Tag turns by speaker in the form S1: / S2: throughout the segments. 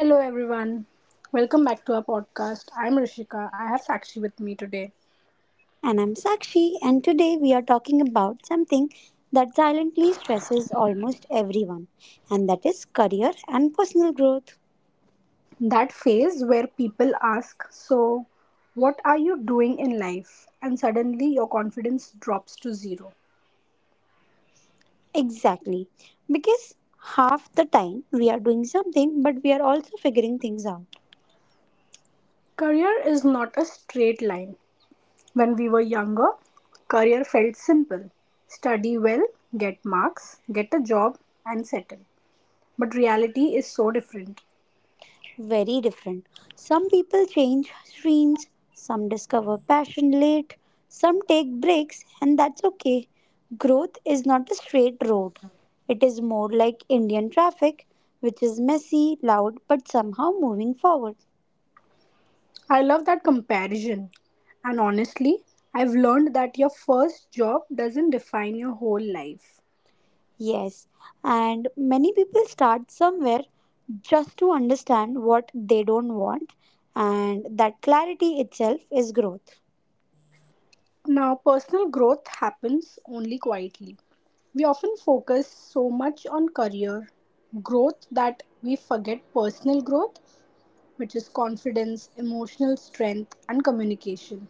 S1: Hello, everyone. Welcome back to our podcast. I'm Rishika. I have Sakshi with me today.
S2: and I'm Sakshi, and today we are talking about something that silently stresses almost everyone, and that is career and personal growth.
S1: That phase where people ask, so, what are you doing in life? And suddenly your confidence drops to zero.
S2: Exactly, because half the time we are doing something, but we are also figuring things out.
S1: Career is not a straight line. When we were younger, career felt simple, study well, get marks, get a job, and settle. But reality is so different.
S2: Very different. Some people change streams, some discover passion late, some take breaks, and that's okay. Growth is not a straight road, it is more like Indian traffic, which is messy, loud, but somehow moving forward.
S1: I love that comparison. And honestly, I've learned that your first job doesn't define your whole life.
S2: Yes, and many people start somewhere just to understand what they don't want, and that clarity itself is growth.
S1: Now, personal growth happens only quietly. We often focus so much on career growth that we forget personal growth, which is confidence, emotional strength, and communication.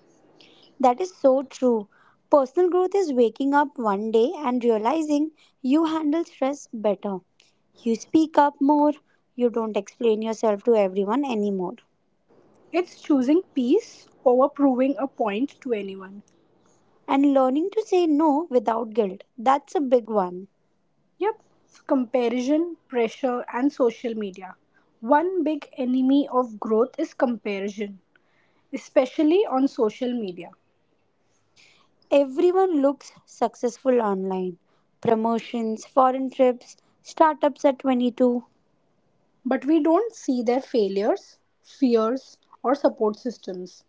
S2: That is so true. Personal growth is waking up one day and realizing you handle stress better. You speak up more. You don't explain yourself to everyone anymore.
S1: It's choosing peace over proving a point to anyone.
S2: And learning to say no without guilt. That's a big one.
S1: Yep, comparison, pressure, and social media. One big enemy of growth is comparison, especially on social media.
S2: Everyone looks successful online. Promotions, foreign trips, startups at 22.
S1: But we don't see their failures, fears, or support systems.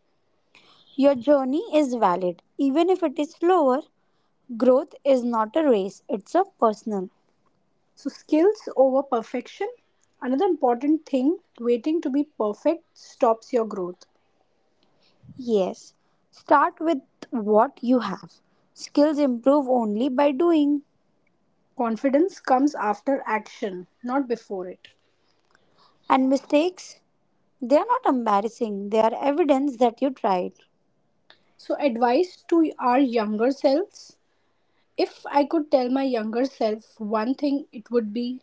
S2: Your journey is valid. Even if it is slower, growth is not a race, it's a personal.
S1: So, skills over perfection. Another important thing, waiting to be perfect stops your growth.
S2: Yes, start with what you have. Skills improve only by doing.
S1: Confidence comes after action, not before it.
S2: And mistakes, they are not embarrassing, they are evidence that you tried.
S1: So, advice to our younger selves. If I could tell my younger self one thing, it would be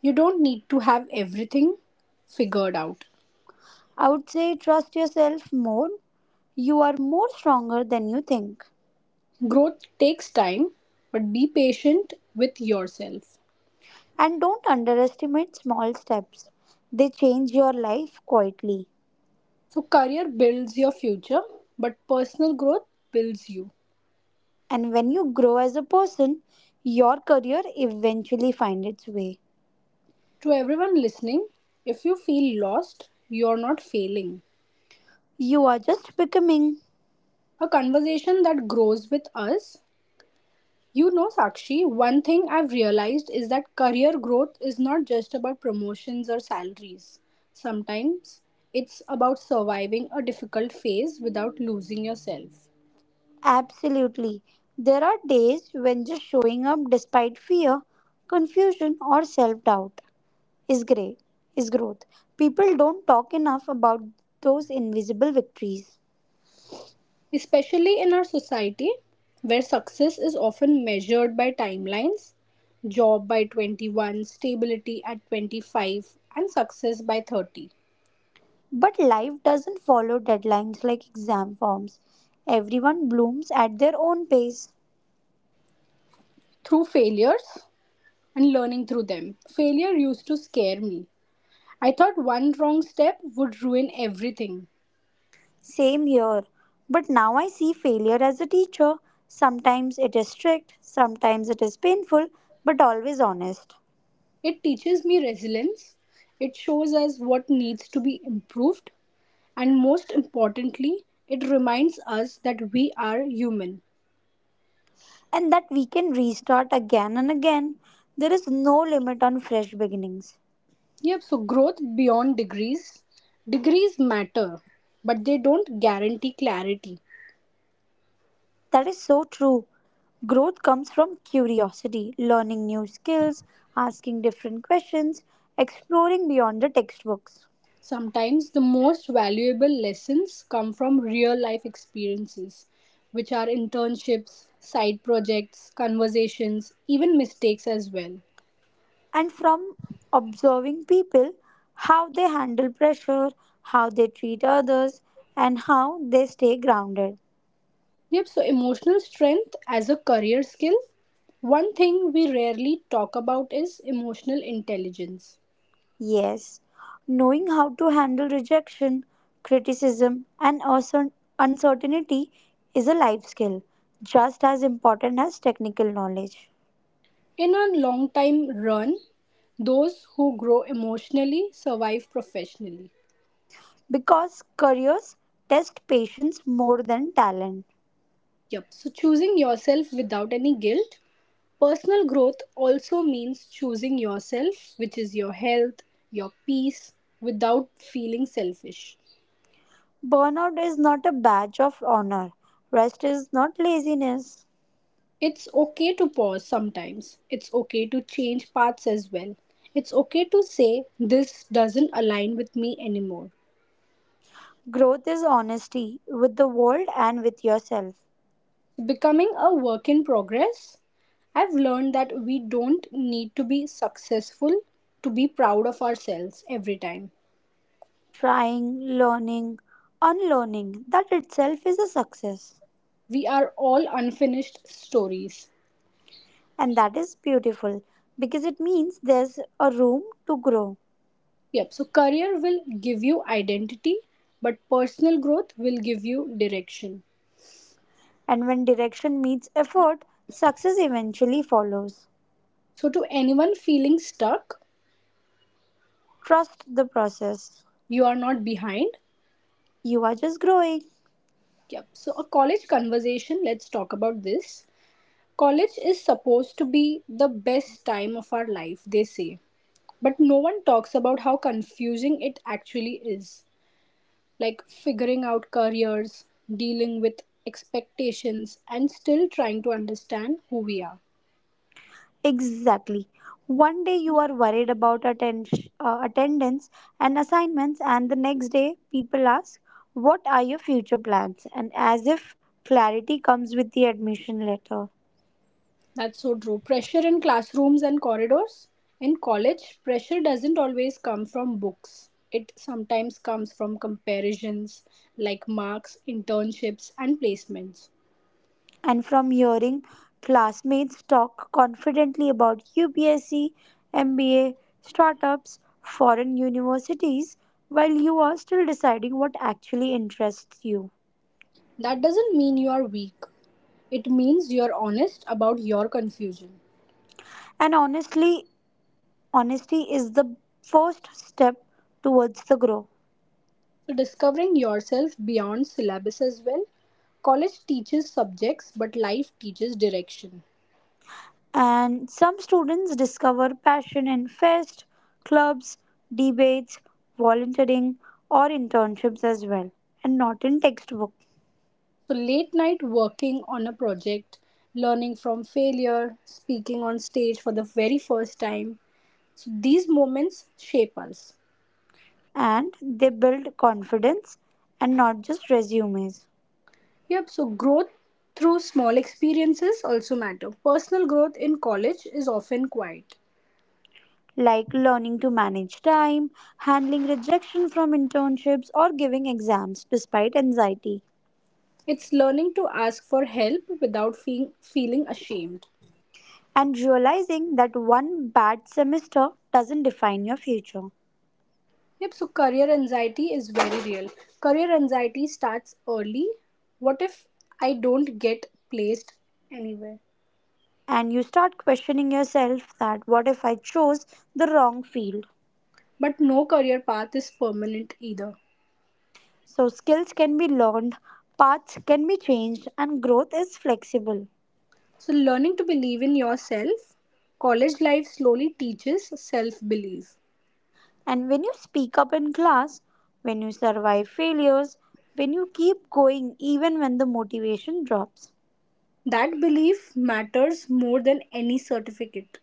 S1: you don't need to have everything figured out.
S2: I would say trust yourself more. You are more stronger than you think.
S1: Growth takes time, but be patient with yourself.
S2: And don't underestimate small steps, they change your life quietly.
S1: So, career builds your future, but personal growth builds you.
S2: And when you grow as a person, your career eventually finds its way.
S1: To everyone listening, if you feel lost, you're not failing.
S2: You are just becoming.
S1: A conversation that grows with us. You know, Sakshi, one thing I've realized is that career growth is not just about promotions or salaries. Sometimes it's about surviving a difficult phase without losing yourself.
S2: Absolutely. There are days when just showing up despite fear, confusion, or self doubt is great, is growth. People don't talk enough about those invisible victories.
S1: Especially in our society, where success is often measured by timelines, job by 21, stability at 25, and success by 30.
S2: But life doesn't follow deadlines like exam forms. Everyone blooms at their own pace.
S1: Through failures and learning through them, failure used to scare me. I thought one wrong step would ruin everything.
S2: Same here. But now I see failure as a teacher. Sometimes it is strict, sometimes it is painful, but always honest.
S1: It teaches me resilience, it shows us what needs to be improved, and most importantly, it reminds us that we are human.
S2: And that we can restart again and again. There is no limit on fresh beginnings.
S1: Yep, so growth beyond degrees. Degrees matter, but they don't guarantee clarity.
S2: That is so true. Growth comes from curiosity, learning new skills, asking different questions, exploring beyond the textbooks,
S1: Sometimes the most valuable lessons come from real life experiences, which are internships, side projects, conversations, even mistakes as well.
S2: and from observing people how they handle pressure, how they treat others, and how they stay grounded.
S1: Yep, so emotional strength as a career skill. One thing we rarely talk about is emotional intelligence.
S2: Yes, knowing how to handle rejection, criticism, and also uncertainty is a life skill just as important as technical knowledge.
S1: In a long time run, those who grow emotionally survive professionally.
S2: Because careers test patience more than talent.
S1: Yep, so choosing yourself without any guilt. Personal growth also means choosing yourself, which is your health, your peace, without feeling selfish.
S2: Burnout is not a badge of honor, rest is not laziness.
S1: It's okay to pause sometimes. It's okay to change paths as well. It's okay to say, this doesn't align with me anymore.
S2: Growth is honesty with the world and with yourself.
S1: Becoming a work in progress, I've learned that we don't need to be successful to be proud of ourselves every time.
S2: Trying, learning, unlearning that itself is a success.
S1: We are all unfinished stories.
S2: And that is beautiful because it means there's a room to grow.
S1: Yep, so career will give you identity, but personal growth will give you direction.
S2: And when direction meets effort, success eventually follows.
S1: So, to anyone feeling stuck,
S2: Trust the process.
S1: you are not behind.
S2: You are just growing.
S1: Yep. So, a college conversation, let's talk about this. College is supposed to be the best time of our life, they say. But no one talks about how confusing it actually is. Like figuring out careers, dealing with expectations, and still trying to understand who we are.
S2: Exactly. One day you are worried about attendance and assignments, and the next day people ask, what are your future plans? And as if clarity comes with the admission letter.
S1: That's so true. Pressure in classrooms and corridors. In college, pressure doesn't always come from books. It sometimes comes from comparisons like marks, internships, and placements.
S2: And from hearing classmates talk confidently about UPSC, MBA, startups, foreign universities, while you are still deciding what actually interests you.
S1: That doesn't mean you are weak. It means you're honest about your confusion.
S2: And honestly, honesty is the first step towards the grow.
S1: So, discovering yourself beyond syllabus as well. College teaches subjects, but life teaches direction.
S2: And some students discover passion in fest, clubs, debates, volunteering, or internships as well, and not in textbook.
S1: So, late night working on a project, learning from failure, speaking on stage for the very first time. So, these moments shape us.
S2: And they build confidence and not just resumes
S1: Yep, so growth through small experiences also matter. Personal growth in college is often quiet.
S2: like learning to manage time, handling rejection from internships, or giving exams despite anxiety,
S1: It's learning to ask for help without feeling ashamed.
S2: and realizing that one bad semester doesn't define your future.
S1: Yep, so career anxiety is very real. Career anxiety starts early. What if I don't get placed anywhere?
S2: And you start questioning yourself that what if I chose the wrong field?
S1: But no career path is permanent either.
S2: So, skills can be learned, paths can be changed, and growth is flexible.
S1: So, learning to believe in yourself, college life slowly teaches self belief.
S2: And when you speak up in class, when you survive failures, when you keep going even when the motivation drops,
S1: That belief matters more than any certificate.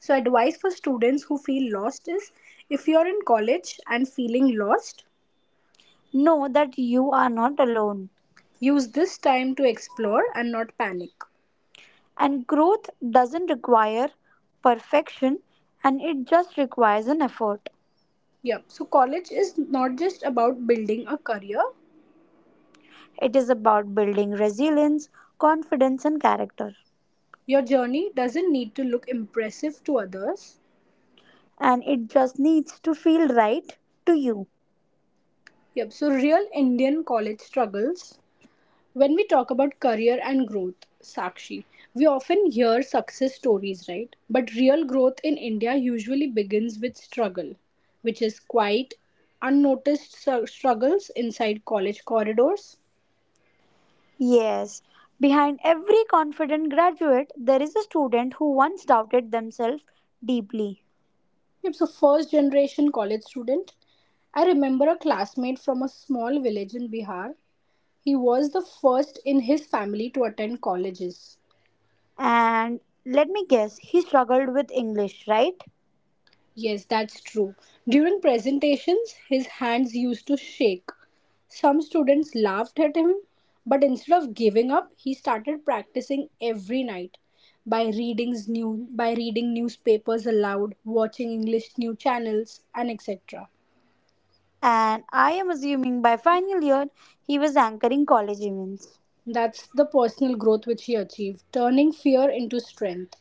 S1: So, advice for students who feel lost is, if you're in college and feeling lost,
S2: know that you are not alone.
S1: use this time to explore and not panic.
S2: And growth doesn't require perfection and it just requires an effort.
S1: Yep, so college is not just about building a career.
S2: It is about building resilience, confidence, and character.
S1: Your journey doesn't need to look impressive to others.
S2: And it just needs to feel right to you.
S1: Yep, so real Indian college struggles. When we talk about career and growth, Sakshi, we often hear success stories, right? But real growth in India usually begins with struggle, which is quite unnoticed struggles inside college corridors.
S2: Yes, behind every confident graduate, there is a student who once doubted themselves deeply.
S1: Yep, so first generation college student. I remember a classmate from a small village in Bihar. He was the first in his family to attend colleges.
S2: And let me guess, he struggled with English, right?
S1: Yes, that's true. During presentations, his hands used to shake. Some students laughed at him, but instead of giving up, he started practicing every night by reading newspapers aloud, watching English new channels, and etc.
S2: And I am assuming by final year, he was anchoring college events.
S1: That's the personal growth which he achieved, turning fear into strength.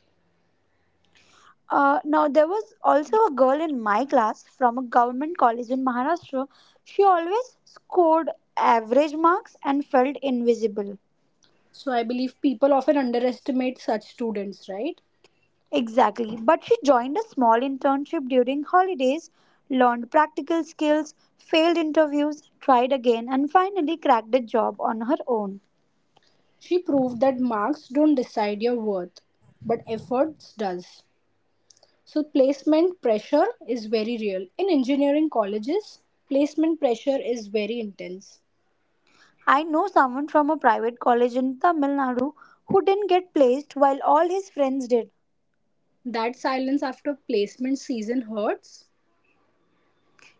S2: Now, there was also a girl in my class from a government college in Maharashtra. She always scored average marks and felt invisible.
S1: So I believe people often underestimate such students, right?
S2: Exactly. But she joined a small internship during holidays, learned practical skills, failed interviews, tried again, and finally cracked a job on her own.
S1: She proved that marks don't decide your worth, but efforts does. So placement pressure is very real. In engineering colleges, placement pressure is very intense.
S2: I know someone from a private college in Tamil Nadu who didn't get placed while all his friends did.
S1: That silence after placement season hurts.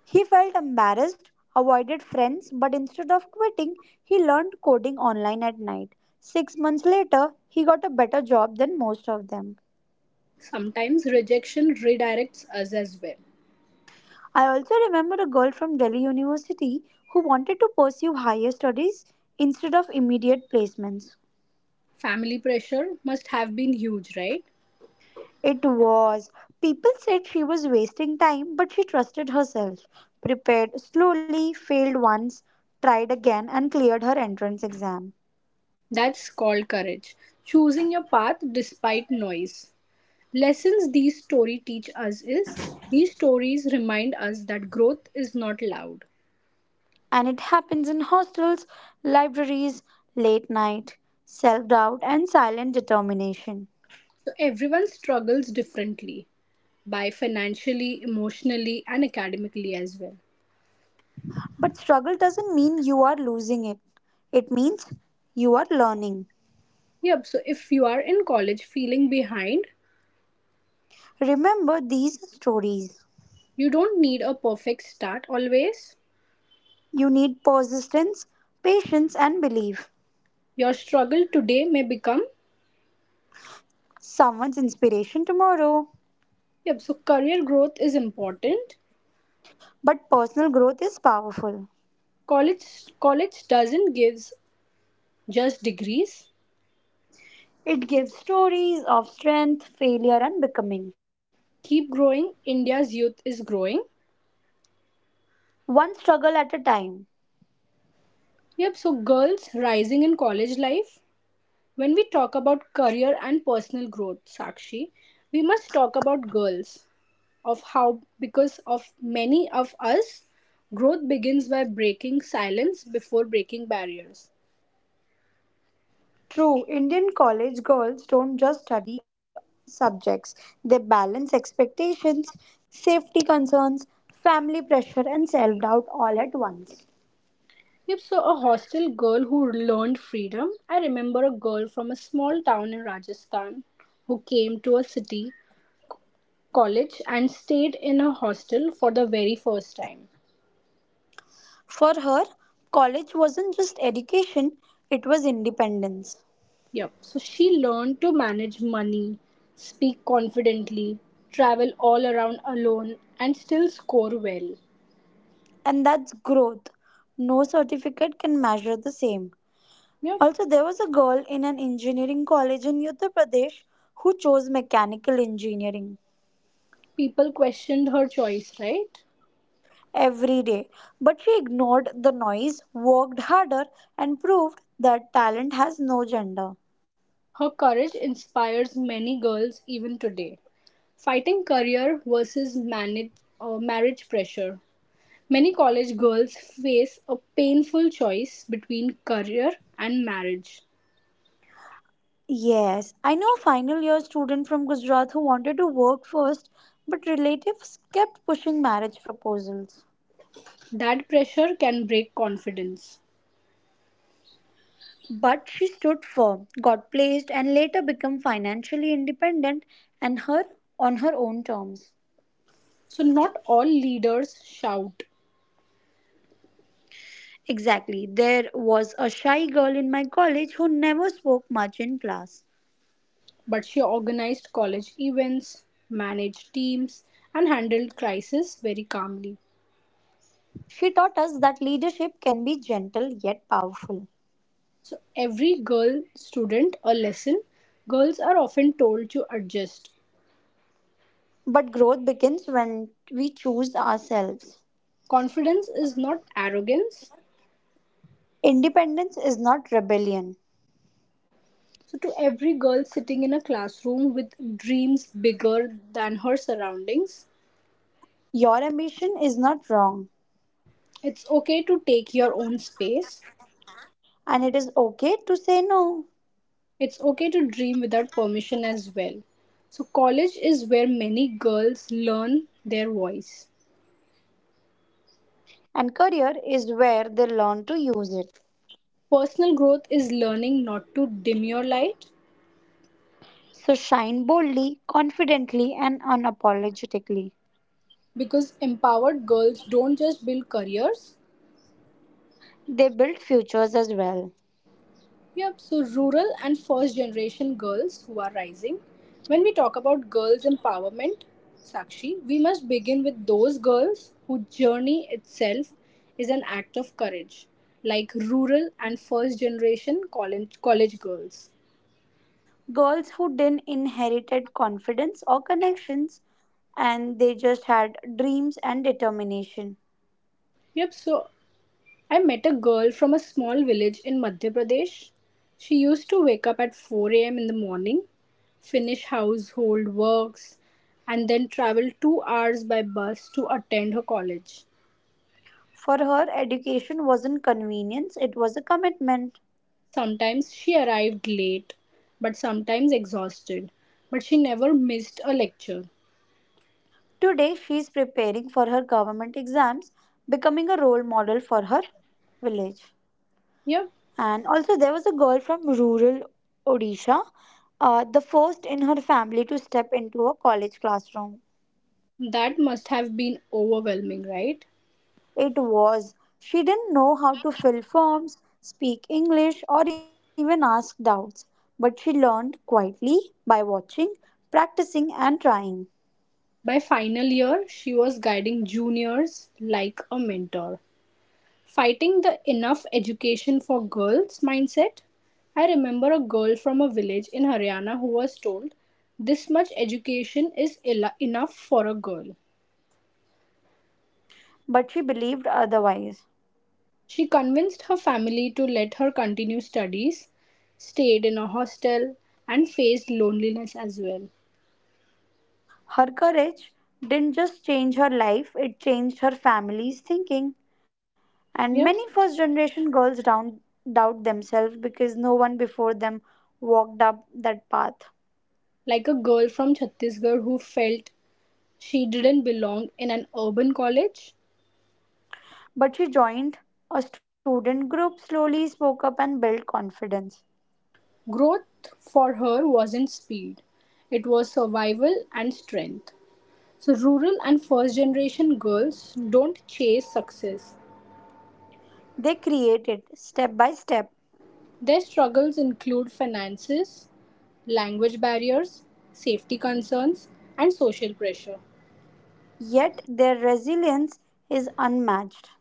S2: He felt embarrassed, avoided friends, but instead of quitting, he learned coding online at night. 6 months later, he got a better job than most of them.
S1: Sometimes rejection redirects us as well.
S2: I also remember a girl from Delhi University who wanted to pursue higher studies instead of immediate placements.
S1: Family pressure must have been huge, right?
S2: It was. People said she was wasting time, but she trusted herself. Prepared slowly, failed once, tried again, and cleared her entrance exam.
S1: That's called courage. Choosing your path despite noise. Lessons these stories teach us is, these stories remind us that growth is not loud.
S2: And it happens in hostels, libraries, late night, self doubt, and silent determination.
S1: So everyone struggles differently, by financially, emotionally, and academically as well.
S2: But struggle doesn't mean you are losing it, it means you are learning.
S1: Yep, so if you are in college feeling behind,
S2: Remember these stories.
S1: you don't need a perfect start always.
S2: You need persistence, patience, and belief.
S1: Your struggle today may become,
S2: Someone's inspiration tomorrow.
S1: yep, so career growth is important.
S2: But personal growth is powerful.
S1: College college doesn't gives just degrees.
S2: It gives stories of strength, failure, and becoming.
S1: Keep growing, India's youth is growing.
S2: One struggle at a time.
S1: Yep, so girls rising in college life. When we talk about career and personal growth, Sakshi, we must talk about girls, of how because of many of us growth begins by breaking silence before breaking barriers.
S2: True, Indian college girls don't just study subjects, they balance expectations, safety concerns, family pressure, and self doubt all at once.
S1: Yep, so a hostel girl who learned freedom. I remember a girl from a small town in Rajasthan who came to a city college and stayed in a hostel for the very first time.
S2: For her, college wasn't just education, it was independence.
S1: Yep, so she learned to manage money, speak confidently, travel all around alone, and still score well.
S2: And that's growth. No certificate can measure the same.
S1: Yep.
S2: Also, there was a girl in an engineering college in Uttar Pradesh who chose mechanical engineering
S1: People questioned her choice, right?
S2: every day, but she ignored the noise, worked harder, and proved that talent has no gender.
S1: Her courage inspires many girls even today. Fighting career versus marriage pressure. Many college girls face a painful choice between career and marriage.
S2: Yes, I know a final year student from Gujarat who wanted to work first, but relatives kept pushing marriage proposals.
S1: That pressure can break confidence.
S2: But she stood firm, got placed, and later became financially independent and her on her own terms.
S1: So, not all leaders shout,
S2: Exactly. There was a shy girl in my college who never spoke much in class.
S1: but she organized college events, managed teams, and handled crisis very calmly.
S2: She taught us that leadership can be gentle yet powerful.
S1: Every girl student a lesson, girls are often told to adjust.
S2: But growth begins when we choose ourselves.
S1: Confidence is not arrogance.
S2: Independence is not rebellion.
S1: So, to every girl sitting in a classroom with dreams bigger than her surroundings,
S2: Your ambition is not wrong,
S1: it's okay to take your own space.
S2: and it is okay to say no.
S1: It's okay to dream without permission as well. So, college is where many girls learn their voice.
S2: And career is where they learn to use it.
S1: Personal growth is learning not to dim your light,
S2: So shine boldly, confidently, and unapologetically.
S1: because empowered girls don't just build careers.
S2: They build futures as well.
S1: Yep, so rural and first generation girls who are rising. When we talk about girls' empowerment, Sakshi, we must begin with those girls whose journey itself is an act of courage, like rural and first generation college girls.
S2: Girls who didn't inherited confidence or connections and they just had dreams and determination.
S1: Yep, so I met a girl from a small village in Madhya Pradesh. She used to wake up at 4 a.m. in the morning, finish household works, and then travel 2 hours by bus to attend her college.
S2: For her, education wasn't convenience, it was a commitment.
S1: Sometimes she arrived late, but sometimes exhausted, but she never missed a lecture.
S2: Today, she is preparing for her government exams, becoming a role model for her village.
S1: Yep,
S2: And also, there was a girl from rural Odisha, the first in her family to step into a college classroom.
S1: that must have been overwhelming, right?
S2: It was. She didn't know how to fill forms, speak English, or even ask doubts, but she learned quietly by watching, practicing, and trying.
S1: By final year, she was guiding juniors like a mentor. Fighting the enough education for girls mindset. I remember a girl from a village in Haryana who was told this much education is enough for a girl.
S2: But she believed otherwise.
S1: She convinced her family to let her continue studies, stayed in a hostel, and faced loneliness as well.
S2: Her courage didn't just change her life, it changed her family's thinking. And many
S1: Yeah,
S2: first generation girls down, doubt themselves because no one before them walked up that path.
S1: like a girl from Chhattisgarh who felt she didn't belong in an urban college.
S2: But she joined a student group, slowly spoke up, and built confidence.
S1: Growth for her wasn't speed, it was survival and strength. So rural and first generation girls don't chase success.
S2: They created step by step,
S1: Their struggles include finances, language barriers, safety concerns, and social pressure.
S2: yet their resilience is unmatched.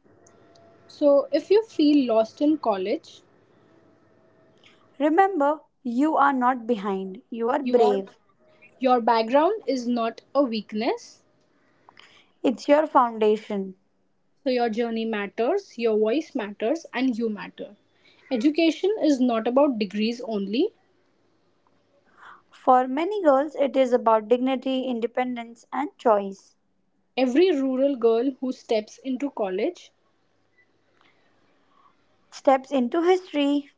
S1: So, if you feel lost in college,
S2: Remember, you are not behind, you are
S1: you are,
S2: brave.
S1: your background is not a weakness.
S2: It's your foundation.
S1: So, your journey matters, your voice matters, and you matter. Education is not about degrees only.
S2: For many girls, it is about dignity, independence, and choice.
S1: Every rural girl who steps into college,
S2: Steps into history.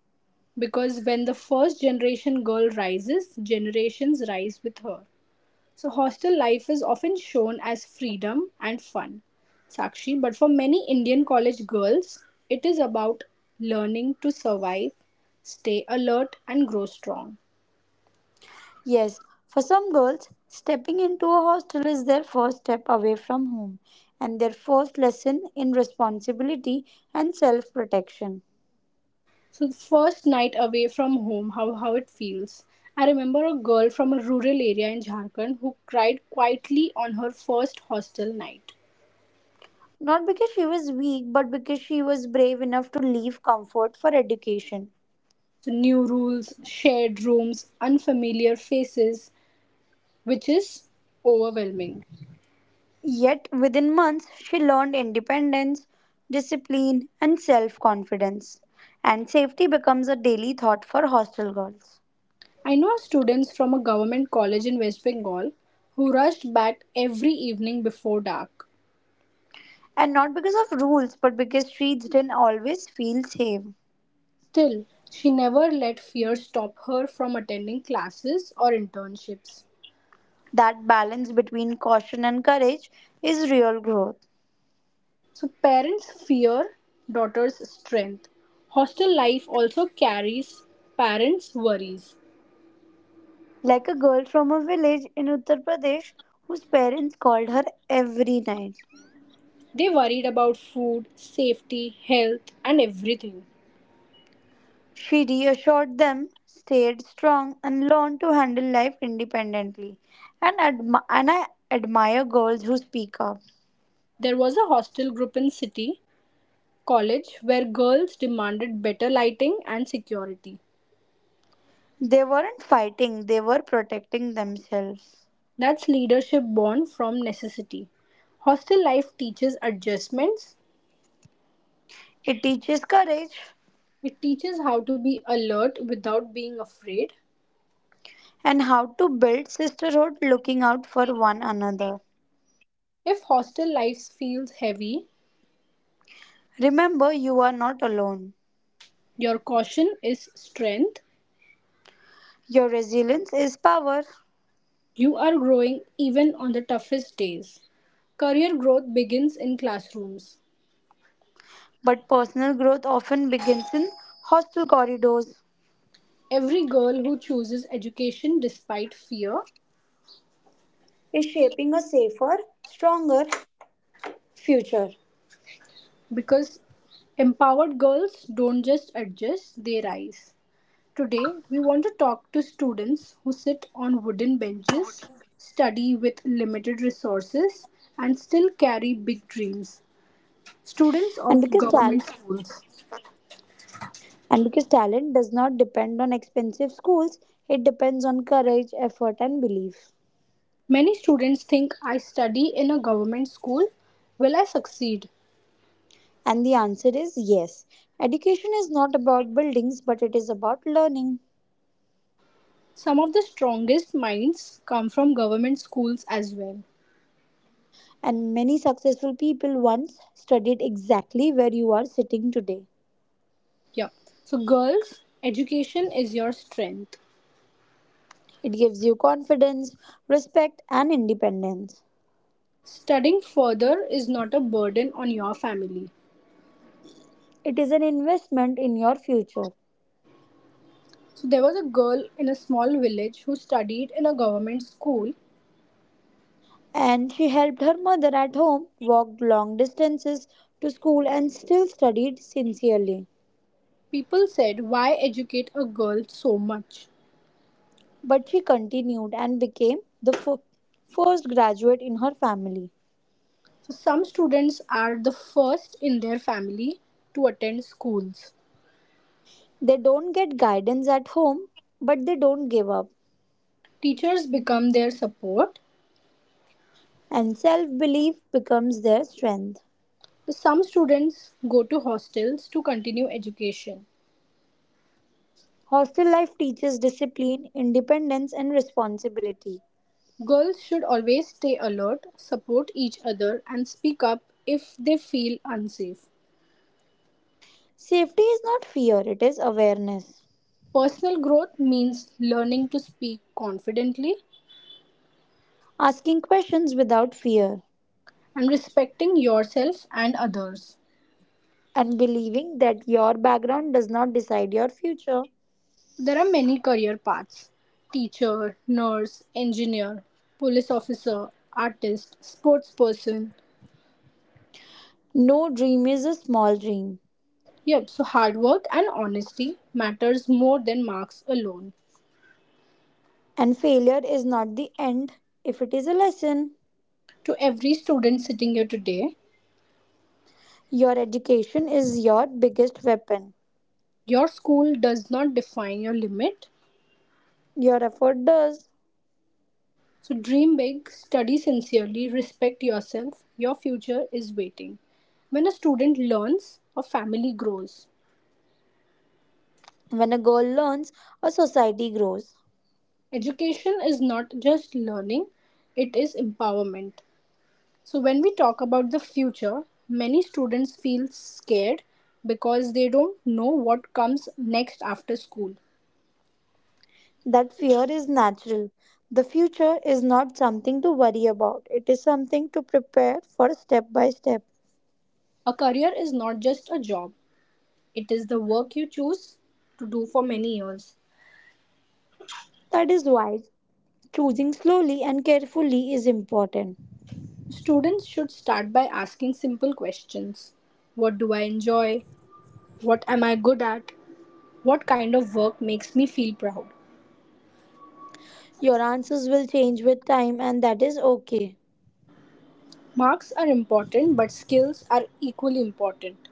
S1: because when the first generation girl rises, generations rise with her. So, hostel life is often shown as freedom and fun, Sakshi, but for many Indian college girls, it is about learning to survive, stay alert, and grow strong.
S2: Yes, for some girls, stepping into a hostel is their first step away from home and their first lesson in responsibility and self protection.
S1: So, the first night away from home, how it feels. I remember a girl from a rural area in Jharkhand who cried quietly on her first hostel night.
S2: Not because she was weak, but because she was brave enough to leave comfort for education.
S1: So new rules, shared rooms, unfamiliar faces, which is overwhelming.
S2: Yet, within months, she learned independence, discipline, and self confidence. And safety becomes a daily thought for hostel girls.
S1: I know students from a government college in West Bengal who rushed back every evening before dark.
S2: And not because of rules, but because streets didn't always feel safe.
S1: Still, she never let fear stop her from attending classes or internships.
S2: That balance between caution and courage is real growth.
S1: So, parents fear daughters' strength. Hostel life also carries parents' worries.
S2: Like a girl from a village in Uttar Pradesh whose parents called her every night.
S1: They worried about food, safety, health, and everything.
S2: She reassured them, stayed strong, and learned to handle life independently. And I admire girls who speak up.
S1: There was a hostel group in City College where girls demanded better lighting and security.
S2: They weren't fighting, they were protecting themselves.
S1: That's leadership born from necessity. Hostel life teaches adjustments.
S2: It teaches courage
S1: It teaches how to be alert without being afraid.
S2: and how to build sisterhood looking out for one another.
S1: If hostel life feels heavy,
S2: Remember, you are not alone.
S1: your caution is strength.
S2: Your resilience is power,
S1: You are growing even on the toughest days. Career growth begins in classrooms.
S2: but personal growth often begins in hostile corridors.
S1: Every girl who chooses education despite fear,
S2: Is shaping a safer, stronger future.
S1: because empowered girls don't just adjust, they rise. Today, we want to talk to students who sit on wooden benches, study with limited resources, and still carry big dreams. Students
S2: And
S1: of
S2: because
S1: government
S2: tal-
S1: schools.
S2: And because talent does not depend on expensive schools, it depends on courage, effort, and belief.
S1: Many students think, I study in a government school. Will I succeed?
S2: And the answer is yes. Education is not about buildings, but it is about learning.
S1: Some of the strongest minds come from government schools as well.
S2: And many successful people once studied exactly where you are sitting today.
S1: Yeah. So, girls, education is your strength.
S2: It gives you confidence, respect, and independence.
S1: Studying further is not a burden on your family.
S2: It is an investment in your future.
S1: So there was a girl in a small village who studied in a government school.
S2: And she helped her mother at home, walked long distances to school, and still studied sincerely.
S1: People said, why educate a girl so much?
S2: But she continued and became first graduate in her family.
S1: So some students are the first in their family to attend schools.
S2: They don't get guidance at home, but they don't give up,
S1: Teachers become their support.
S2: and self belief becomes their strength.
S1: So some students go to hostels to continue education.
S2: Hostel life teaches discipline, independence, and responsibility.
S1: Girls should always stay alert, support each other, and speak up if they feel unsafe.
S2: Safety is not fear, it is awareness.
S1: Personal growth means learning to speak confidently
S2: Asking questions without fear
S1: and respecting yourself and others.
S2: and believing that your background does not decide your future.
S1: There are many career paths, teacher, nurse, engineer, police officer, artist, sports person.
S2: No dream is a small dream,
S1: Yep, so hard work and honesty matters more than marks alone.
S2: and failure is not the end if it is a lesson.
S1: To every student sitting here today,
S2: Your education is your biggest weapon.
S1: your school does not define your limit.
S2: Your effort does.
S1: So dream big, study sincerely, respect yourself. Your future is waiting. When a student learns, a family grows.
S2: When a girl learns, a society grows.
S1: Education is not just learning, it is empowerment. So when we talk about the future, many students feel scared because they don't know what comes next after school.
S2: That fear is natural. The future is not something to worry about, it is something to prepare for step by step.
S1: A career is not just a job, it is the work you choose to do for many years.
S2: That is why choosing slowly and carefully is important.
S1: Students should start by asking simple questions. What do I enjoy? What am I good at? What kind of work makes me feel proud?
S2: Your answers will change with time, and that is okay.
S1: Marks are important, but skills are equally important.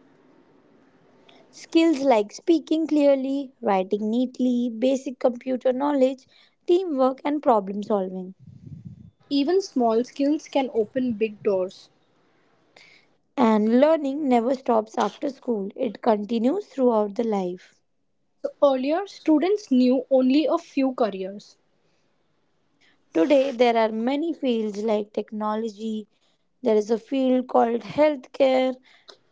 S2: Skills like speaking clearly, writing neatly, basic computer knowledge, teamwork, and problem solving.
S1: Even small skills can open big doors.
S2: And learning never stops after school, it continues throughout the life.
S1: Earlier, students knew only a few careers.
S2: Today, there are many fields like technology, there is a field called healthcare,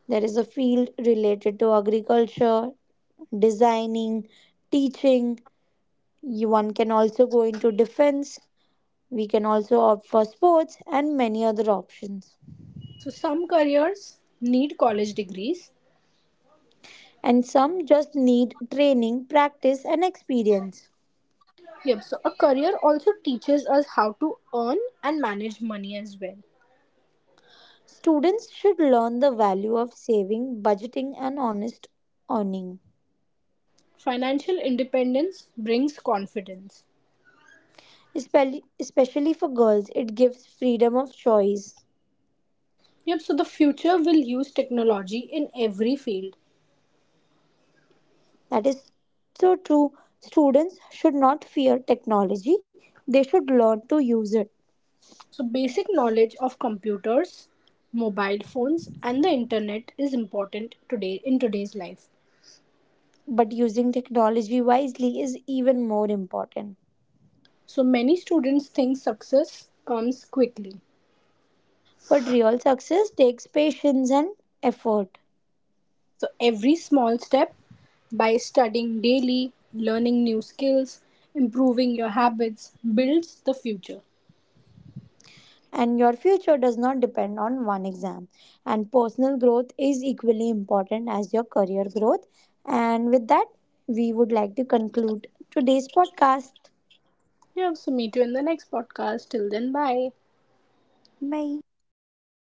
S2: there is a field related to agriculture, designing, teaching. You- One can also go into defense. We can also opt for sports and many other options.
S1: So, some careers need college degrees.
S2: And some just need training, practice, and experience.
S1: Yep, so a career also teaches us how to earn and manage money as well.
S2: Students should learn the value of saving, budgeting, and honest earning.
S1: Financial independence brings confidence.
S2: Especially for girls, it gives freedom of choice.
S1: Yep, so the future will use technology in every field.
S2: That is so true. Students should not fear technology, they should learn to use it.
S1: So basic knowledge of computers, mobile phones and the internet is important today in today's life.
S2: But using technology wisely is even more important.
S1: So many students think success comes quickly.
S2: But real success takes patience and effort.
S1: So every small step, by studying daily, learning new skills, improving your habits, builds the future.
S2: And your future does not depend on one exam and personal growth is equally important as your career growth and with that we would like to conclude today's podcast.
S1: Yeah, so meet you in the next podcast. Till then, bye.
S2: Bye.